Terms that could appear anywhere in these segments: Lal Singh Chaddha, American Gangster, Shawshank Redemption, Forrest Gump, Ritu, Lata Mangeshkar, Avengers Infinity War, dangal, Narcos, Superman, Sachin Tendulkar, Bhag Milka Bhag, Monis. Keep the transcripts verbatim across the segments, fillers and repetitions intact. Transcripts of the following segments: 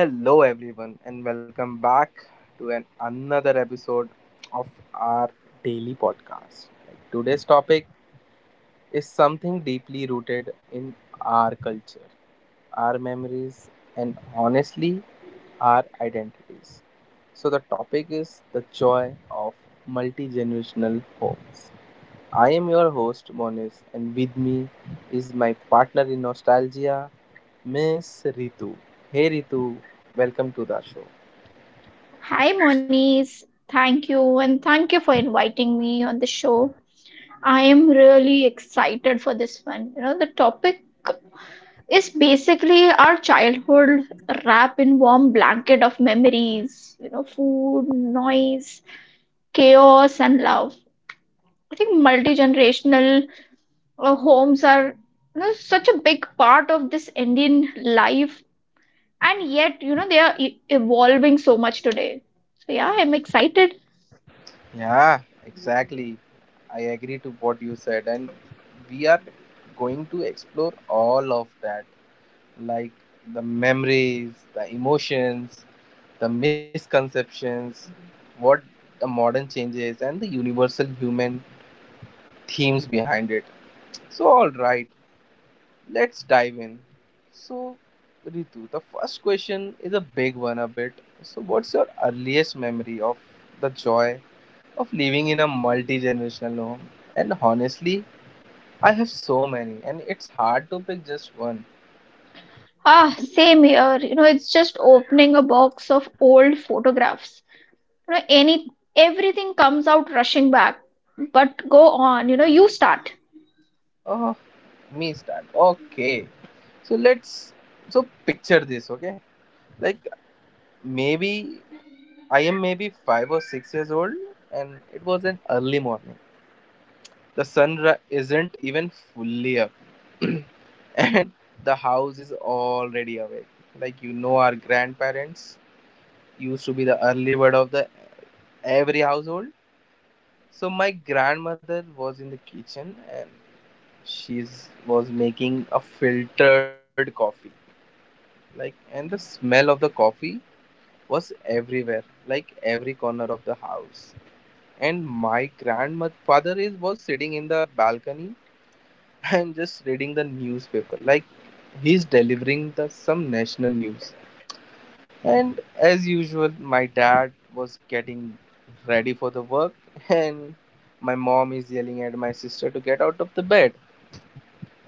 Hello everyone and welcome back to an another episode of our daily podcast. Like, today's topic is something deeply rooted in our culture, our memories, and honestly our identities. So the topic is the joy of multi-generational homes. I am your host Monis, and with me is my partner in nostalgia Miss Ritu. Hey Ritu, welcome to the show. Hi, Moniz. Thank you, and thank you for inviting me on the show. I am really excited for this one. You know, the topic is basically our childhood wrapped in warm blanket of memories, you know, food, noise, chaos, and love. I think multi-generational uh, homes are, you know, such a big part of this Indian life, and yet, you know, they are e- evolving so much today. So yeah, I'm excited. Yeah, exactly. I agree to what you said, and we are going to explore all of that, like the memories, the emotions, the misconceptions, what the modern changes, and the universal human themes behind it. So, all right, let's dive in. So, Ritu, the first question is a big one, a bit. So, what's your earliest memory of the joy of living in a multi generational home? And honestly, I have so many, and it's hard to pick just one. Ah, same here. You know, it's just opening a box of old photographs. You know, any everything comes out rushing back. But go on, you know, you start. Oh, me start. Okay. So let's. So picture this, okay? Like maybe I am maybe five or six years old, and it was an early morning. The sun ri- isn't even fully up, and the house is already awake. Like you know, our grandparents used to be the early bird of the every household. So my grandmother was in the kitchen, and she was making a filtered coffee. Like, and the smell of the coffee was everywhere, like every corner of the house. And my grandfather is was sitting in the balcony and just reading the newspaper. Like, he's delivering the some national news. And as usual, my dad was getting ready for the work, and my mom is yelling at my sister to get out of the bed,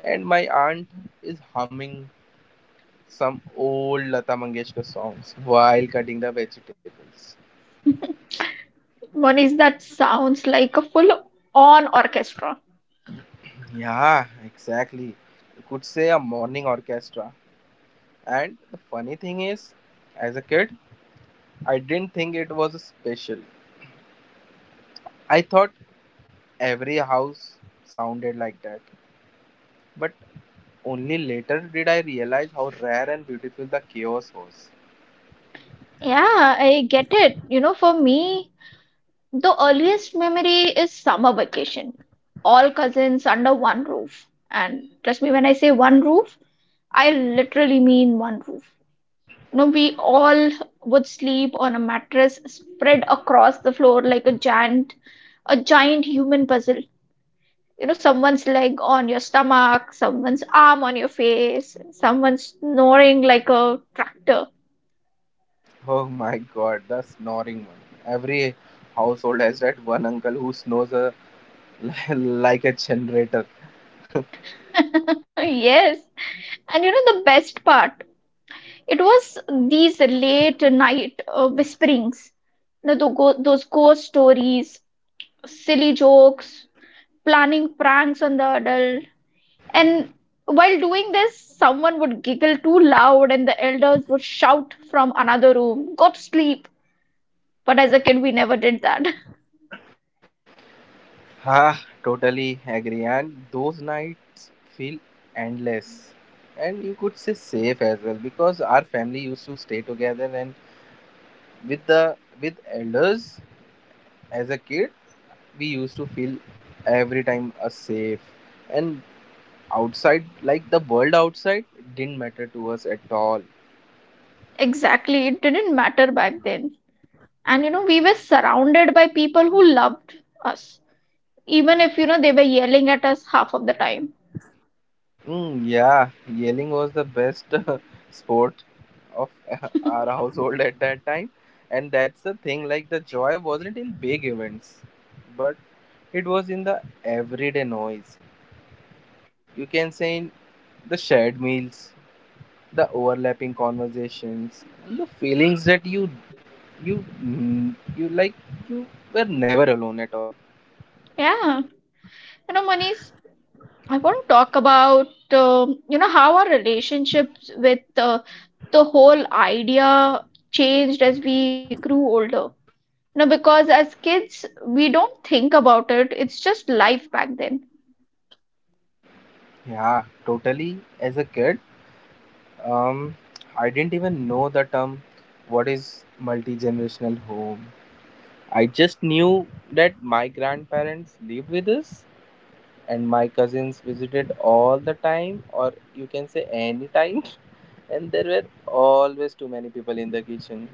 and my aunt is humming some old Lata Mangeshkar songs while cutting the vegetables. Monish, that sounds like a full-on orchestra. Yeah, exactly. You could say a morning orchestra. And the funny thing is, as a kid, I didn't think it was a special. I thought every house sounded like that. But only later did I realize how rare and beautiful the chaos was. Yeah, I get it. You know, for me, the earliest memory is summer vacation. All cousins under one roof. And trust me when I say one roof, I literally mean one roof. You know, we all would sleep on a mattress spread across the floor like a giant, a giant human puzzle. You know, someone's leg on your stomach, someone's arm on your face, someone snoring like a tractor. Oh my god, the snoring one. Every household has that one uncle who snores a, like a generator. Yes. And you know the best part? It was these late night uh, whisperings, you know, the go- those ghost stories, silly jokes, planning pranks on the adults. And while doing this, someone would giggle too loud, and the elders would shout from another room, "Go to sleep." But as a kid, we never did that. Ah, totally agree. And those nights feel endless. And you could say safe as well, because our family used to stay together and with the with elders, as a kid, we used to feel every time a safe, and outside, like the world outside, didn't matter to us at all. Exactly. It didn't matter back then. And you know, we were surrounded by people who loved us, even if you know they were yelling at us half of the time. Mm, yeah, yelling was the best uh, sport of uh, our household at that time. And that's the thing, like the joy wasn't in big events, but it was in the everyday noise. You can say in the shared meals, the overlapping conversations, and the feelings that you you mm, you like you were never alone at all. Yeah. You know, Manish, I want to talk about um, you know how our relationships with uh, the whole idea changed as we grew older. No, because as kids, we don't think about it. It's just life back then. Yeah, totally. As a kid, Um, I didn't even know the term what is multi generational home. I just knew that my grandparents lived with us and my cousins visited all the time, or you can say anytime. And there were always too many people in the kitchen.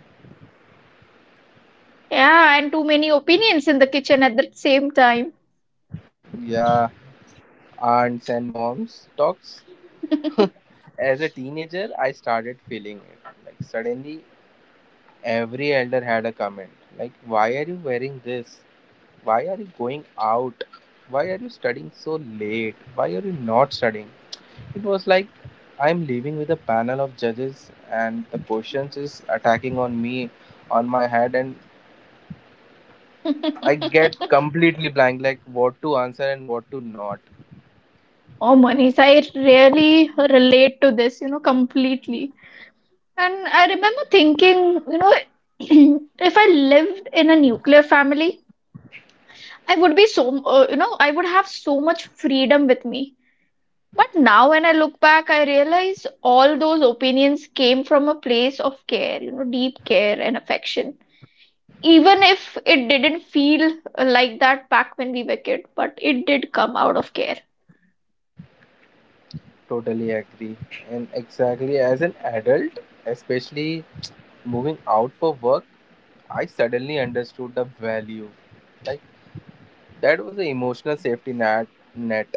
Yeah, and too many opinions in the kitchen at the same time. Yeah, aunts and moms talks. As a teenager, I started feeling it. Like suddenly, every elder had a comment like, "Why are you wearing this?" Why are you going out? Why are you studying so late? Why are you not studying? It was like I'm living with a panel of judges, and the questions is attacking on me on my head, and I get completely blank like what to answer and what to not. Oh, Manish, I really relate to this, you know, completely. And I remember thinking, you know, if I lived in a nuclear family, I would be so, uh, you know, I would have so much freedom with me. But now when I look back, I realize all those opinions came from a place of care, you know, deep care and affection, even if it didn't feel like that back when we were kids, but it did come out of care Totally agree. And exactly as an adult, especially moving out for work, I suddenly understood the value. Like that was an emotional safety net net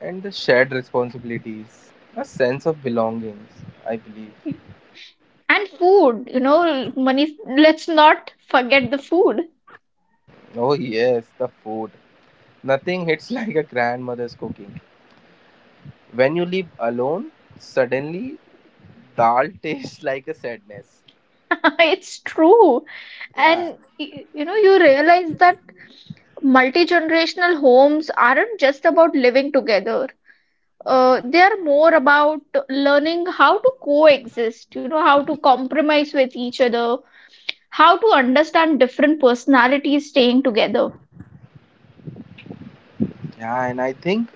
and the shared responsibilities, a sense of belongings, I believe. and food, you know, money. Let's not forget the food. Oh, yes, the food. Nothing hits like a grandmother's cooking. When you live alone, suddenly dal tastes like a sadness. It's true, Yeah. and y- you know you realize that multi-generational homes aren't just about living together. Uh, they are more about learning how to coexist, you know, how to compromise with each other, how to understand different personalities staying together. Yeah, and I think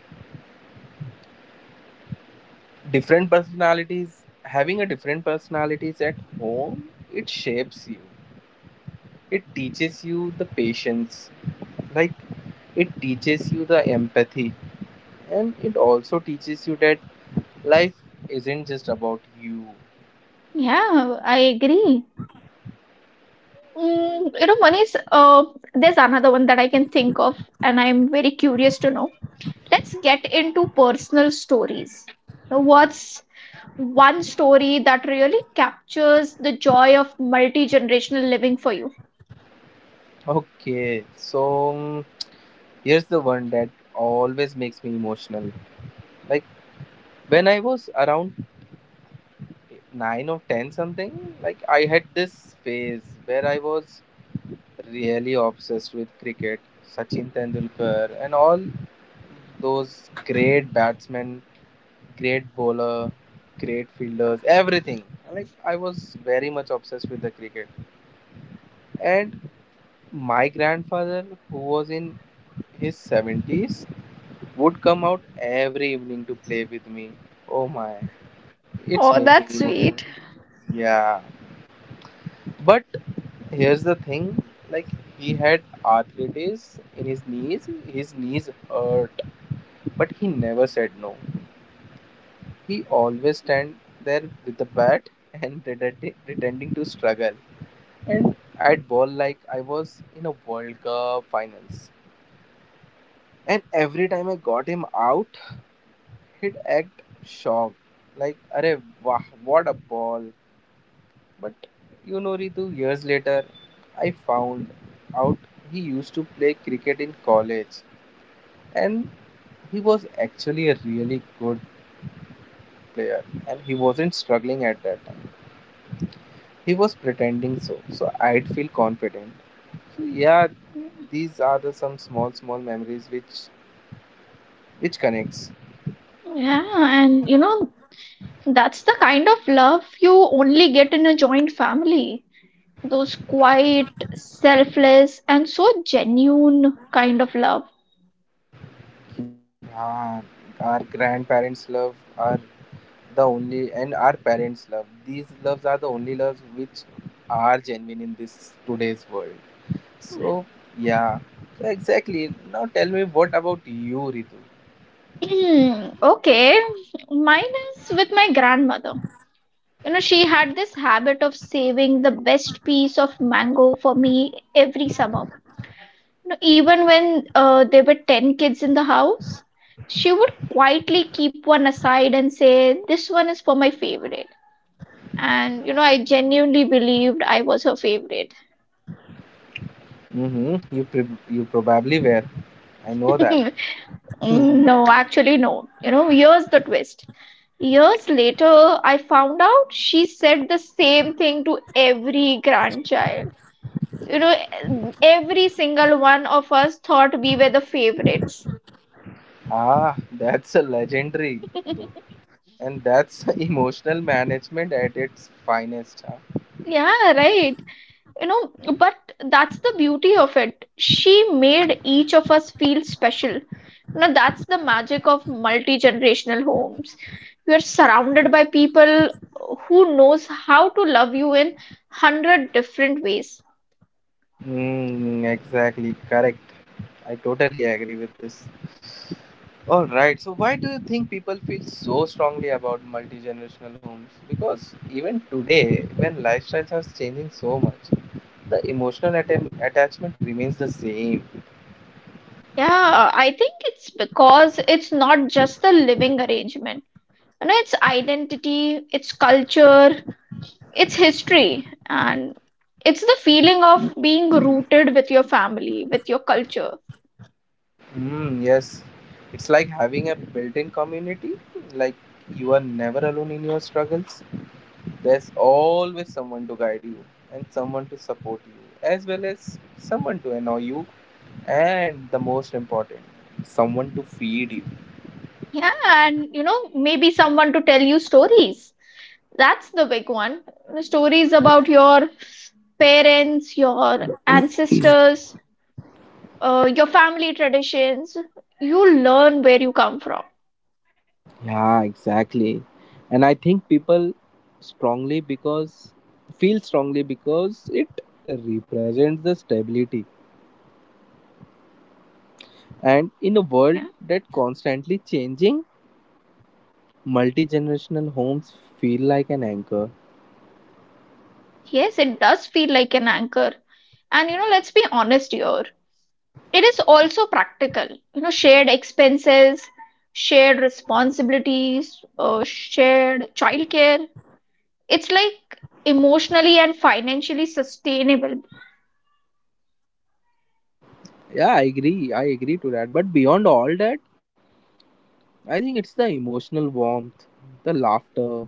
different personalities, having a different personalities at home, it shapes you. It teaches you the patience, like it teaches you the empathy, and it also teaches you that life isn't just about you. Yeah, I agree. Mm, you know, Manish, uh, there's another one that I can think of, and I'm very curious to know. Let's get into personal stories. Now, what's one story that really captures the joy of multi-generational living for you? Okay, so mm, here's the one that always makes me emotional. Like when I was around nine or ten something, like I had this phase where I was really obsessed with cricket, Sachin Tendulkar, and all those great batsmen, great bowler, great fielders, everything. Like I was very much obsessed with the cricket. And my grandfather, who was in his seventies, would come out every evening to play with me. Oh my, it's Oh, making that's me emotional. sweet. Yeah, but here's the thing like, he had arthritis in his knees, his knees hurt, but he never said no. He always stand there with the bat and pretending pretending to struggle. And I'd ball like I was in a World Cup finals. And every time I got him out, he'd act shocked, like, Arey, wah, what a ball. But you know, Ritu, years later, I found out he used to play cricket in college, and he was actually a really good player, and he wasn't struggling at that time. He was pretending so, so I'd feel confident. So, yeah, these are the some small, small memories which which connects. Yeah, and you know, that's the kind of love you only get in a joint family. Those quiet, selfless, and so genuine kind of love. Yeah, our grandparents' love, our the only and our parents' love. These loves are the only loves which are genuine in this today's world. So yeah. So exactly. Now tell me what about you, Ritu? Hmm, okay. Mine is with my grandmother. You know, she had this habit of saving the best piece of mango for me every summer. You know, even when uh, there were ten kids in the house, she would quietly keep one aside and say, "This one is for my favorite." And, you know, I genuinely believed I was her favorite. Mm-hmm. You pre- you probably were. I know that. Mm, no, actually, no. You know, here's the twist. Years later, I found out she said the same thing to every grandchild. You know, every single one of us thought we were the favorites. Ah, that's a legendary though. And that's emotional management at its finest. Huh? Yeah, right. You know, but that's the beauty of it. She made each of us feel special. You know, that's the magic of multi-generational homes. You are surrounded by people who knows how to love you in hundred different ways. Mm, exactly, correct. I totally agree with this. All right. So why do you think people feel so strongly about multi-generational homes? Because even today, when lifestyles are changing so much, the emotional atta- attachment remains the same. Yeah, uh, I think it's because it's not just the living arrangement. You know, it's identity, it's culture, it's history, and it's the feeling of being rooted with your family, with your culture. Mm, yes, it's like having a built-in community. Like you are never alone in your struggles. There's always someone to guide you, and someone to support you, as well as someone to annoy you. And the most important, someone to feed Yeah, and you know, maybe someone to tell you stories. That's the big one. Stories about your parents, your you. ancestors, uh, your family traditions. You learn where you come from. Yeah, exactly. And I think people strongly because feel strongly because it represents the stability. Yeah. And in a world that constantly changing, multi-generational homes feel like an anchor. Yes, it does feel like an anchor. And you know, let's be honest here. It is also practical. You know, shared expenses, shared responsibilities, uh, shared childcare. It's like emotionally and financially sustainable. Yeah, I agree. I agree to that. But beyond all that, I think it's the emotional warmth, the laughter,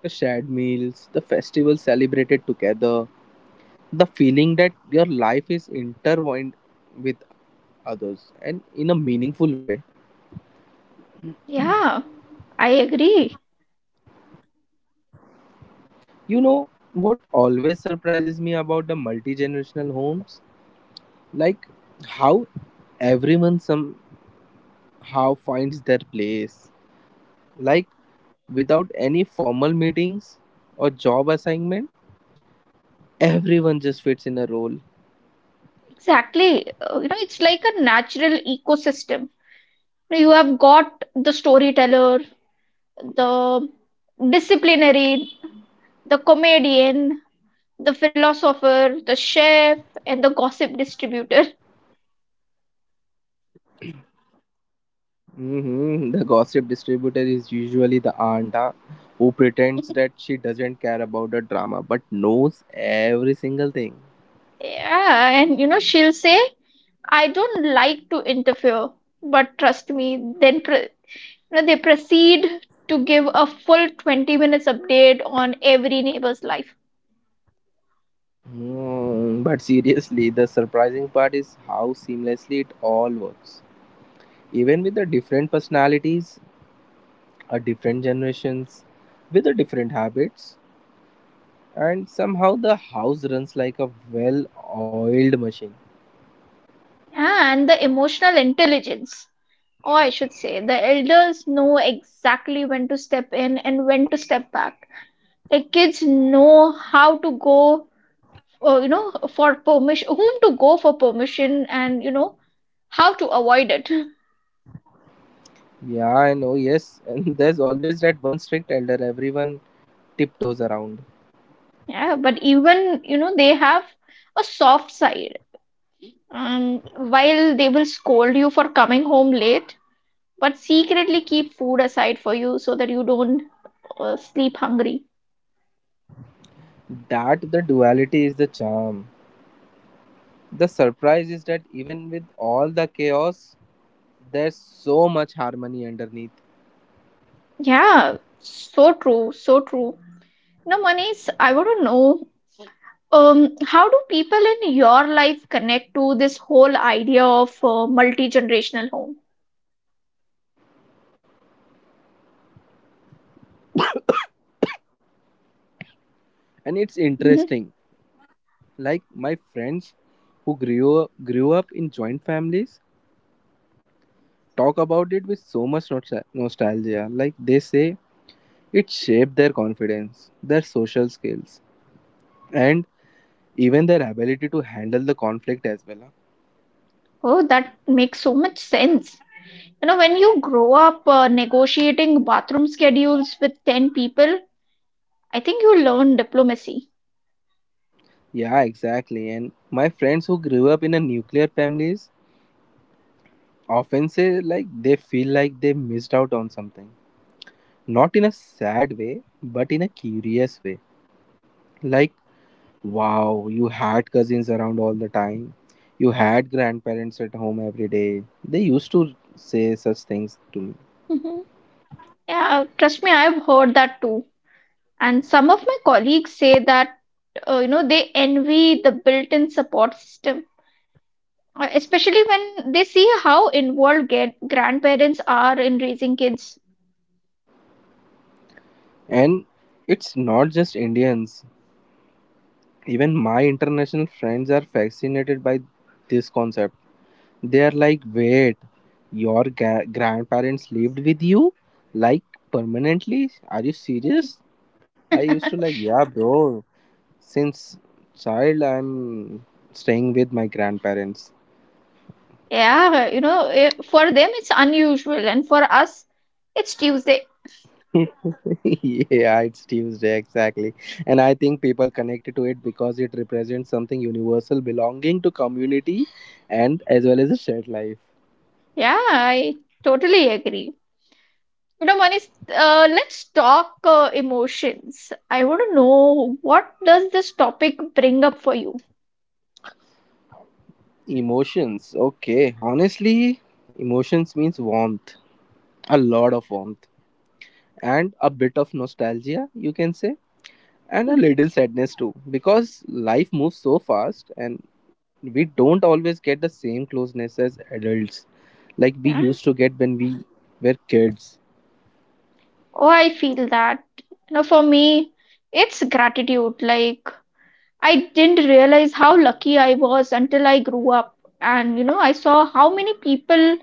the shared meals, the festival celebrated together, the feeling that your life is intertwined with others and in a meaningful way. Yeah, I agree. You know what always surprises me about the multi generational homes? Like how everyone somehow finds their place. Like without any formal meetings or job assignment, everyone just fits in a role. Exactly. Uh, you know, it's like a natural ecosystem. You have got the storyteller, the disciplinarian, the comedian, the philosopher, the chef, and the gossip distributor. Hmm, the gossip distributor is usually the aunta who pretends that she doesn't care about the drama but knows every single thing. Yeah, and you know, she'll say, "I don't like to interfere, but trust me," then pre- you know, they proceed to give a full twenty minutes update on every neighbor's life. Hmm, but seriously, the surprising part is how seamlessly it all works. Even with the different personalities, a different generations, with the different habits, and somehow the house runs like a well-oiled machine. Yeah, and the emotional intelligence, or I should say, the elders know exactly when to step in and when to step back. The kids know how to go, uh, you know, for permission whom to go for permission, and you know how to avoid it. Yeah, I know, yes, and there's always that one strict elder everyone tiptoes around. Yeah, but even you know they have a soft side. Um, while they will scold you for coming home late, but secretly keep food aside for you so that you don't uh, sleep hungry. That the duality is the charm. The surprise is that even with all the chaos, there's so much harmony underneath. Yeah, so true, so true. Now, Manish, I want to know, um, how do people in your life connect to this whole idea of uh, multi generational home? And it's Mm-hmm. interesting. Like my friends who grew up, grew up in joint families talk about it with so much nostal- nostalgia. Like they say it shaped their confidence, their social skills, and even their ability to handle the conflict as well, huh? Oh, that makes so much sense. You know, when you grow up uh, negotiating bathroom schedules with ten people, I think you learn diplomacy. Yeah, exactly. And my friends who grew up in a nuclear families often say like they feel like they missed out on something, not in a sad way but in a curious way, like wow, you had cousins around all the time, you had grandparents at home every day, they used to say such things to me. Mhm. Yeah, trust me, I've heard that too. And some of my colleagues say that, uh, you know, they envy the built-in support system, uh, especially when they see how involved get grandparents are in raising kids. And it's not just indians, even my international friends are fascinated by this concept. They are like, wait, your ga- grandparents lived with you, like permanently, are you serious? I used to like, yeah, bro. Since child, I'm staying with my grandparents. Yeah, you know, eh, for them it's unusual, and for us, it's Tuesday. Yeah, it's Tuesday exactly, and I think people connected to it because it represents something universal, belonging to community, and as well as a shared life. Yeah, I totally agree. You know, Manish, uh, let's talk uh, emotions. I want to know what does this topic bring up for you? Emotions, okay. Honestly, emotions means warmth, a lot of warmth, and a bit of nostalgia. You can say. And a Mhm. little sadness too, because life moves so fast and we don't always get the same closeness as adults like we Yeah. used to get when we were kids. Oh, I feel that. You know, for me, it's gratitude. Like, I didn't realize how lucky I was until I grew up. And, you know, I saw how many people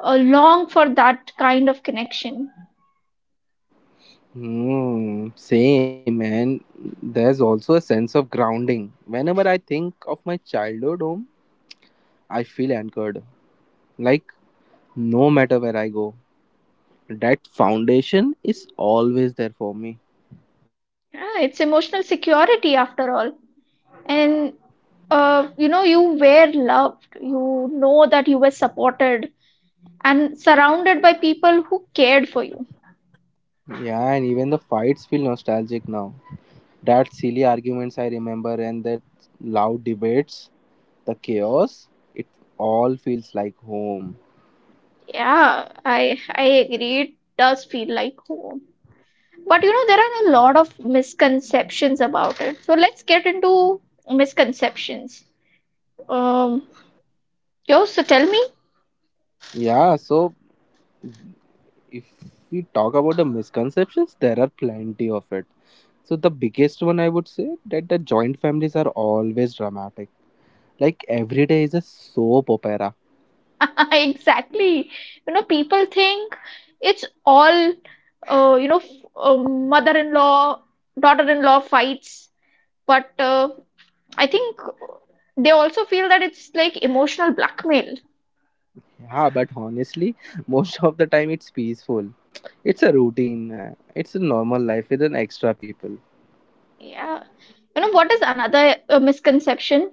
uh, long for that kind of connection. Hmm, same. And there's also a sense of grounding. Whenever I think of my childhood home, I feel anchored, like no matter where I go, that foundation is always there for me. Yeah, it's emotional security after all. And uh, you know you were loved, you know that you were supported and surrounded by people who cared for you. Yeah, and even the fights feel nostalgic now. That silly arguments I remember, and that loud debates, the chaos, it all feels like home. Yeah, i i agree. It does feel like home. But you know there are a lot of misconceptions about it, so let's get into misconceptions. Um, yo, so tell me. Yeah, so if we talk about the misconceptions, there are plenty of it. So the biggest one I would say that the joint families are always dramatic. Like every day is a soap opera. Exactly. You know people think it's all, uh, you know, f- uh, mother-in-law, daughter-in-law fights, but uh, I think they also feel that it's like emotional blackmail. Yeah, but honestly, most of the time it's peaceful. It's a routine. uh, It's a normal life with an extra people. Yeah. You know, what is another uh, misconception?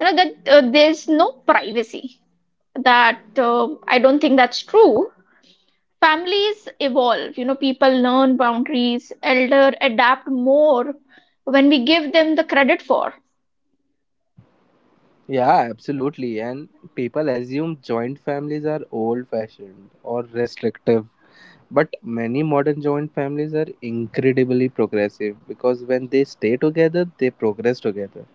You know, that uh, there's no privacy. That uh, I don't think that's true. Families evolve, you know, people learn boundaries, elder adapt more when we give them the credit for, Yeah, absolutely. And people assume joint families are old fashioned or restrictive. But many modern joint families are incredibly progressive because when they stay together, they progress together.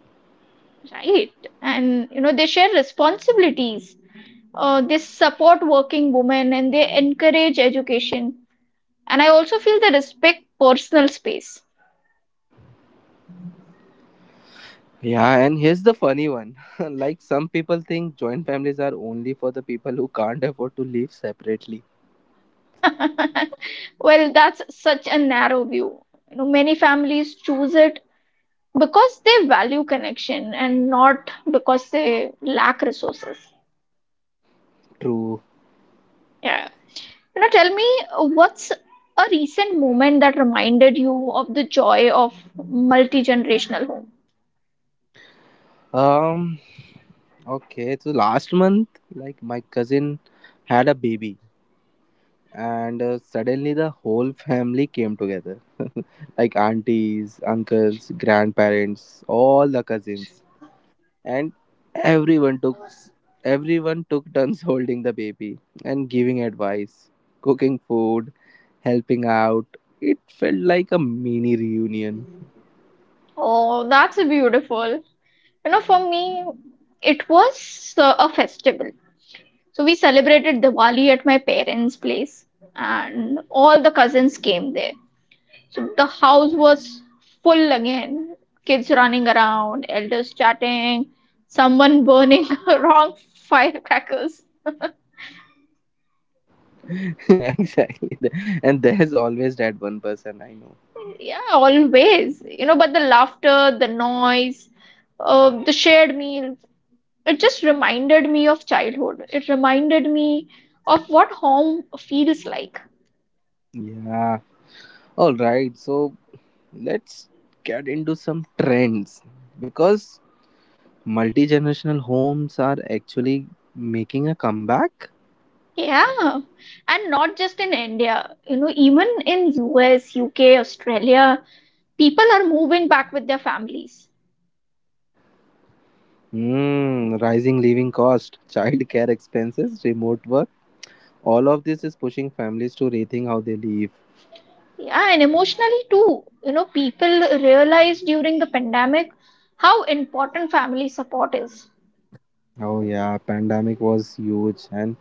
right? And, you know, they share responsibilities. Uh, they support working women, and they encourage education, and I also feel they respect personal space. Yeah, and here's the funny one. Like some people think joint families are only for the people who can't afford to live separately. Well, that's such a narrow view. You know, many families choose it because they value connection and not because they lack resources. True. Yeah, you know, tell me, uh, what's a recent moment that reminded you of the joy of multi-generational home? Um okay, so last month, like, my cousin had a baby, and uh, suddenly the whole family came together. Like aunties, uncles, grandparents, all the cousins, and everyone took everyone took turns holding the baby and giving advice, cooking food, helping out. It felt like a mini reunion. Oh, that's beautiful. You know, for me, it was uh, a festival. So we celebrated Diwali at my parents' place, and all the cousins came there. So the house was full again. Kids running around, elders chatting, someone burning wrong firecrackers. Exactly, and there's always that one person, I know. Yeah, always. You know, but the laughter, the noise, uh, the shared meals, it just reminded me of childhood. It reminded me of what home feels like. Yeah, all right, so let's get into some trends, because multi-generational homes are actually making a comeback. Yeah, and not just in India, you know, even in U S, U K, Australia, people are moving back with their families. Hmm, rising living cost, child care expenses, remote work, all of this is pushing families to rethink how they live. Yeah, and emotionally too. You know, people realized during the pandemic how important family support is. Oh yeah, pandemic was huge, and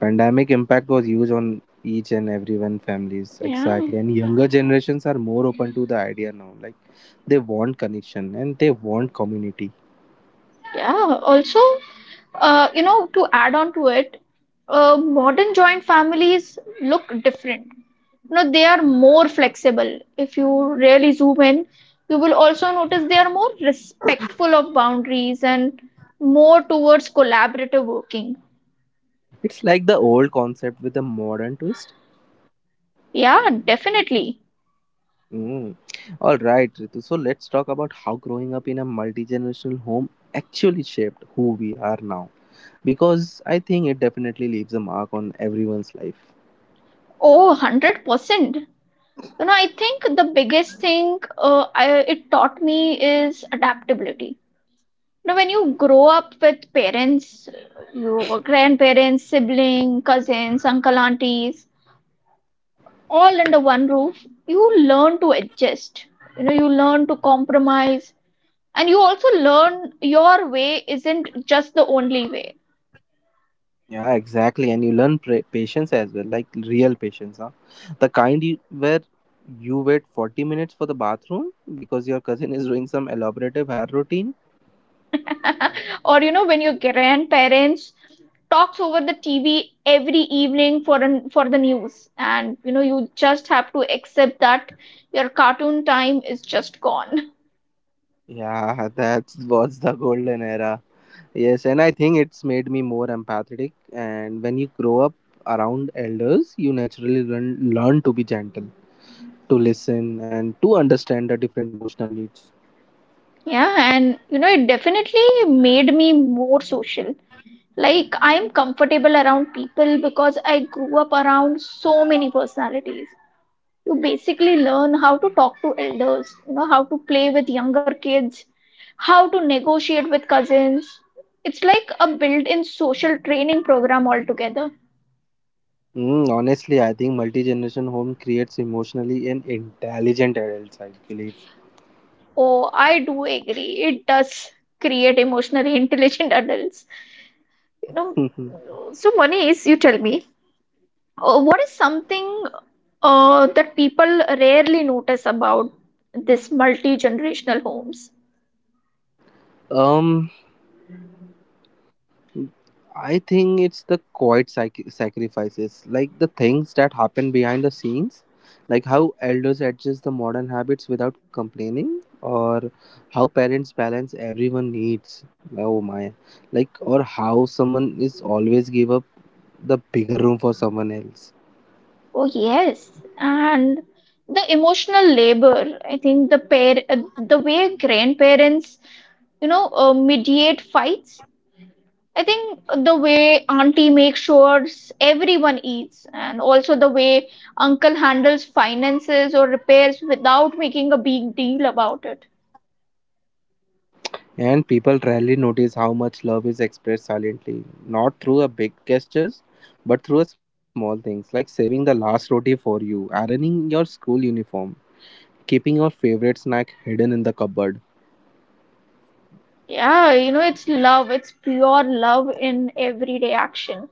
pandemic impact was huge on each and everyone families. Yeah. Exactly, and younger generations are more open to the idea now, like, they want connection and they want community. Yeah, also, uh, you know, to add on to it, uh, modern joint families look different. You know, they are more flexible. If you really zoom in, you will also notice they are more respectful of boundaries and more towards collaborative working. It's like the old concept with a modern twist. Yeah, definitely. Mm. All right, Ritu. So let's talk about how growing up in a multi generational home actually shaped who we are now. Because I think it definitely leaves a mark on everyone's life. Oh, one hundred percent. You know, I think the biggest thing uh, I, it taught me is adaptability. Now, when you grow up with parents, your grandparents, siblings, cousins, uncle, aunties, all under one roof, you learn to adjust. You know, you learn to compromise. And you also learn your way isn't just the only way. Yeah, exactly. And you learn pra- patience as well, like real patience. Huh? The kind you, where you wait forty minutes for the bathroom because your cousin is doing some elaborative hair routine. Or, you know, when your grandparents talks over the T V every evening for an, for the news, and you know you just have to accept that your cartoon time is just gone. Yeah, that's was the golden era. Yes, and I think it's made me more empathetic. And when you grow up around elders, you naturally learn, learn to be gentle, to listen, and to understand the different emotional needs. Yeah, and you know, it definitely made me more social. Like, I am comfortable around people because I grew up around so many personalities. You basically learn how to talk to elders, you know, how to play with younger kids, how to negotiate with cousins. It's like a built in social training program altogether. Mm, honestly, I think multi generation home creates emotionally an intelligent adults, I believe. Oh, I do agree. It does create emotionally intelligent adults. You know, so Manish, you tell me, Uh, what is something uh, that people rarely notice about this multi-generational homes? um, I think it's the quiet sac- sacrifices, like the things that happen behind the scenes, like how elders adjust the modern habits without complaining, or how parents balance everyone needs. Oh my, like or how someone is always give up the bigger room for someone else. Oh yes, and the emotional labor. I think the pair, uh, the way grandparents, you know, uh, mediate fights. I think the way auntie makes sure everyone eats, and also the way uncle handles finances or repairs without making a big deal about it. And people rarely notice how much love is expressed silently, not through a big gestures, but through a small things like saving the last roti for you, ironing your school uniform, keeping your favorite snack hidden in the cupboard. Yeah, you know, it's love. It's pure love in everyday action.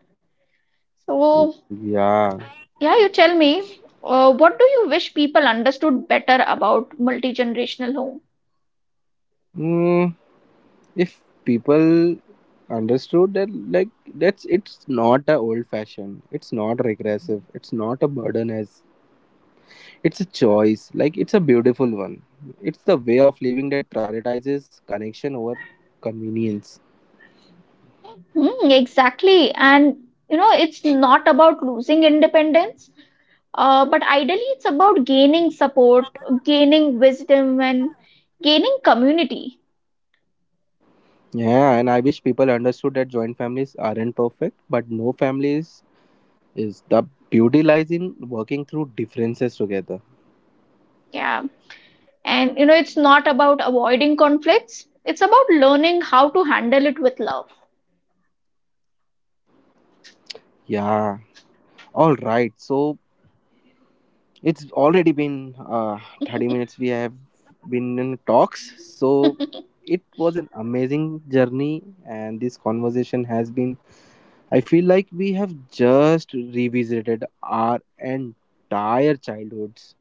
So, Yeah. yeah, you tell me, uh, what do you wish people understood better about multi-generational home? Mm, if people understood that, like, that's it's not a old fashioned, it's not regressive, it's not a burden, as it's a choice, like, it's a beautiful one. It's the way of living that prioritizes connection over convenience. Hmm, exactly. And, you know, it's not about losing independence, uh, but ideally it's about gaining support, gaining wisdom, and gaining community. Yeah, and I wish people understood that joint families aren't perfect, but no families is the beauty lies in working through differences together. Yeah. And, you know, it's not about avoiding conflicts. It's about learning how to handle it with love. Yeah. All right. So it's already been uh, thirty minutes. We have been in talks. So it was an amazing journey, and this conversation has been. I feel like we have just revisited our entire childhoods.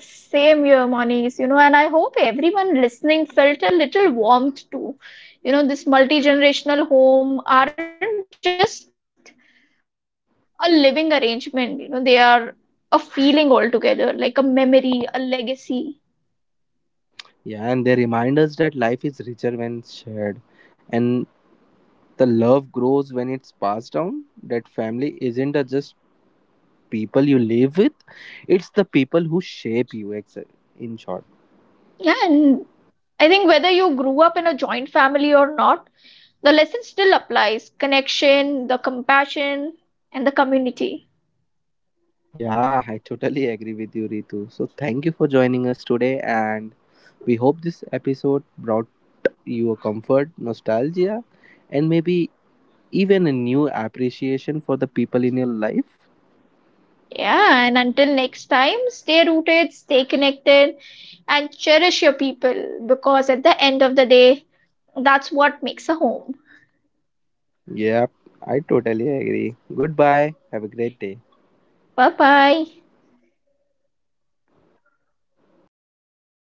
Same here, Monish, you know, and I hope everyone listening felt a little warmth too. You know, this multi-generational home aren't just a living arrangement, you know, they are a feeling altogether, like a memory, a legacy. Yeah, and they remind us that life is richer when shared, and the love grows when it's passed down. That family isn't a just people you live with, it's the people who shape you, ex- in short. Yeah, and I think whether you grew up in a joint family or not, the lesson still applies. Connection, the compassion, and the community. Yeah, I totally agree with you, Ritu. So, thank you for joining us today, and we hope this episode brought you a comfort, nostalgia, and maybe even a new appreciation for the people in your life. Yeah, and until next time, stay rooted, stay connected, and cherish your people, because at the end of the day, that's what makes a home. Yep, I totally agree. Goodbye. Have a great day. Bye bye.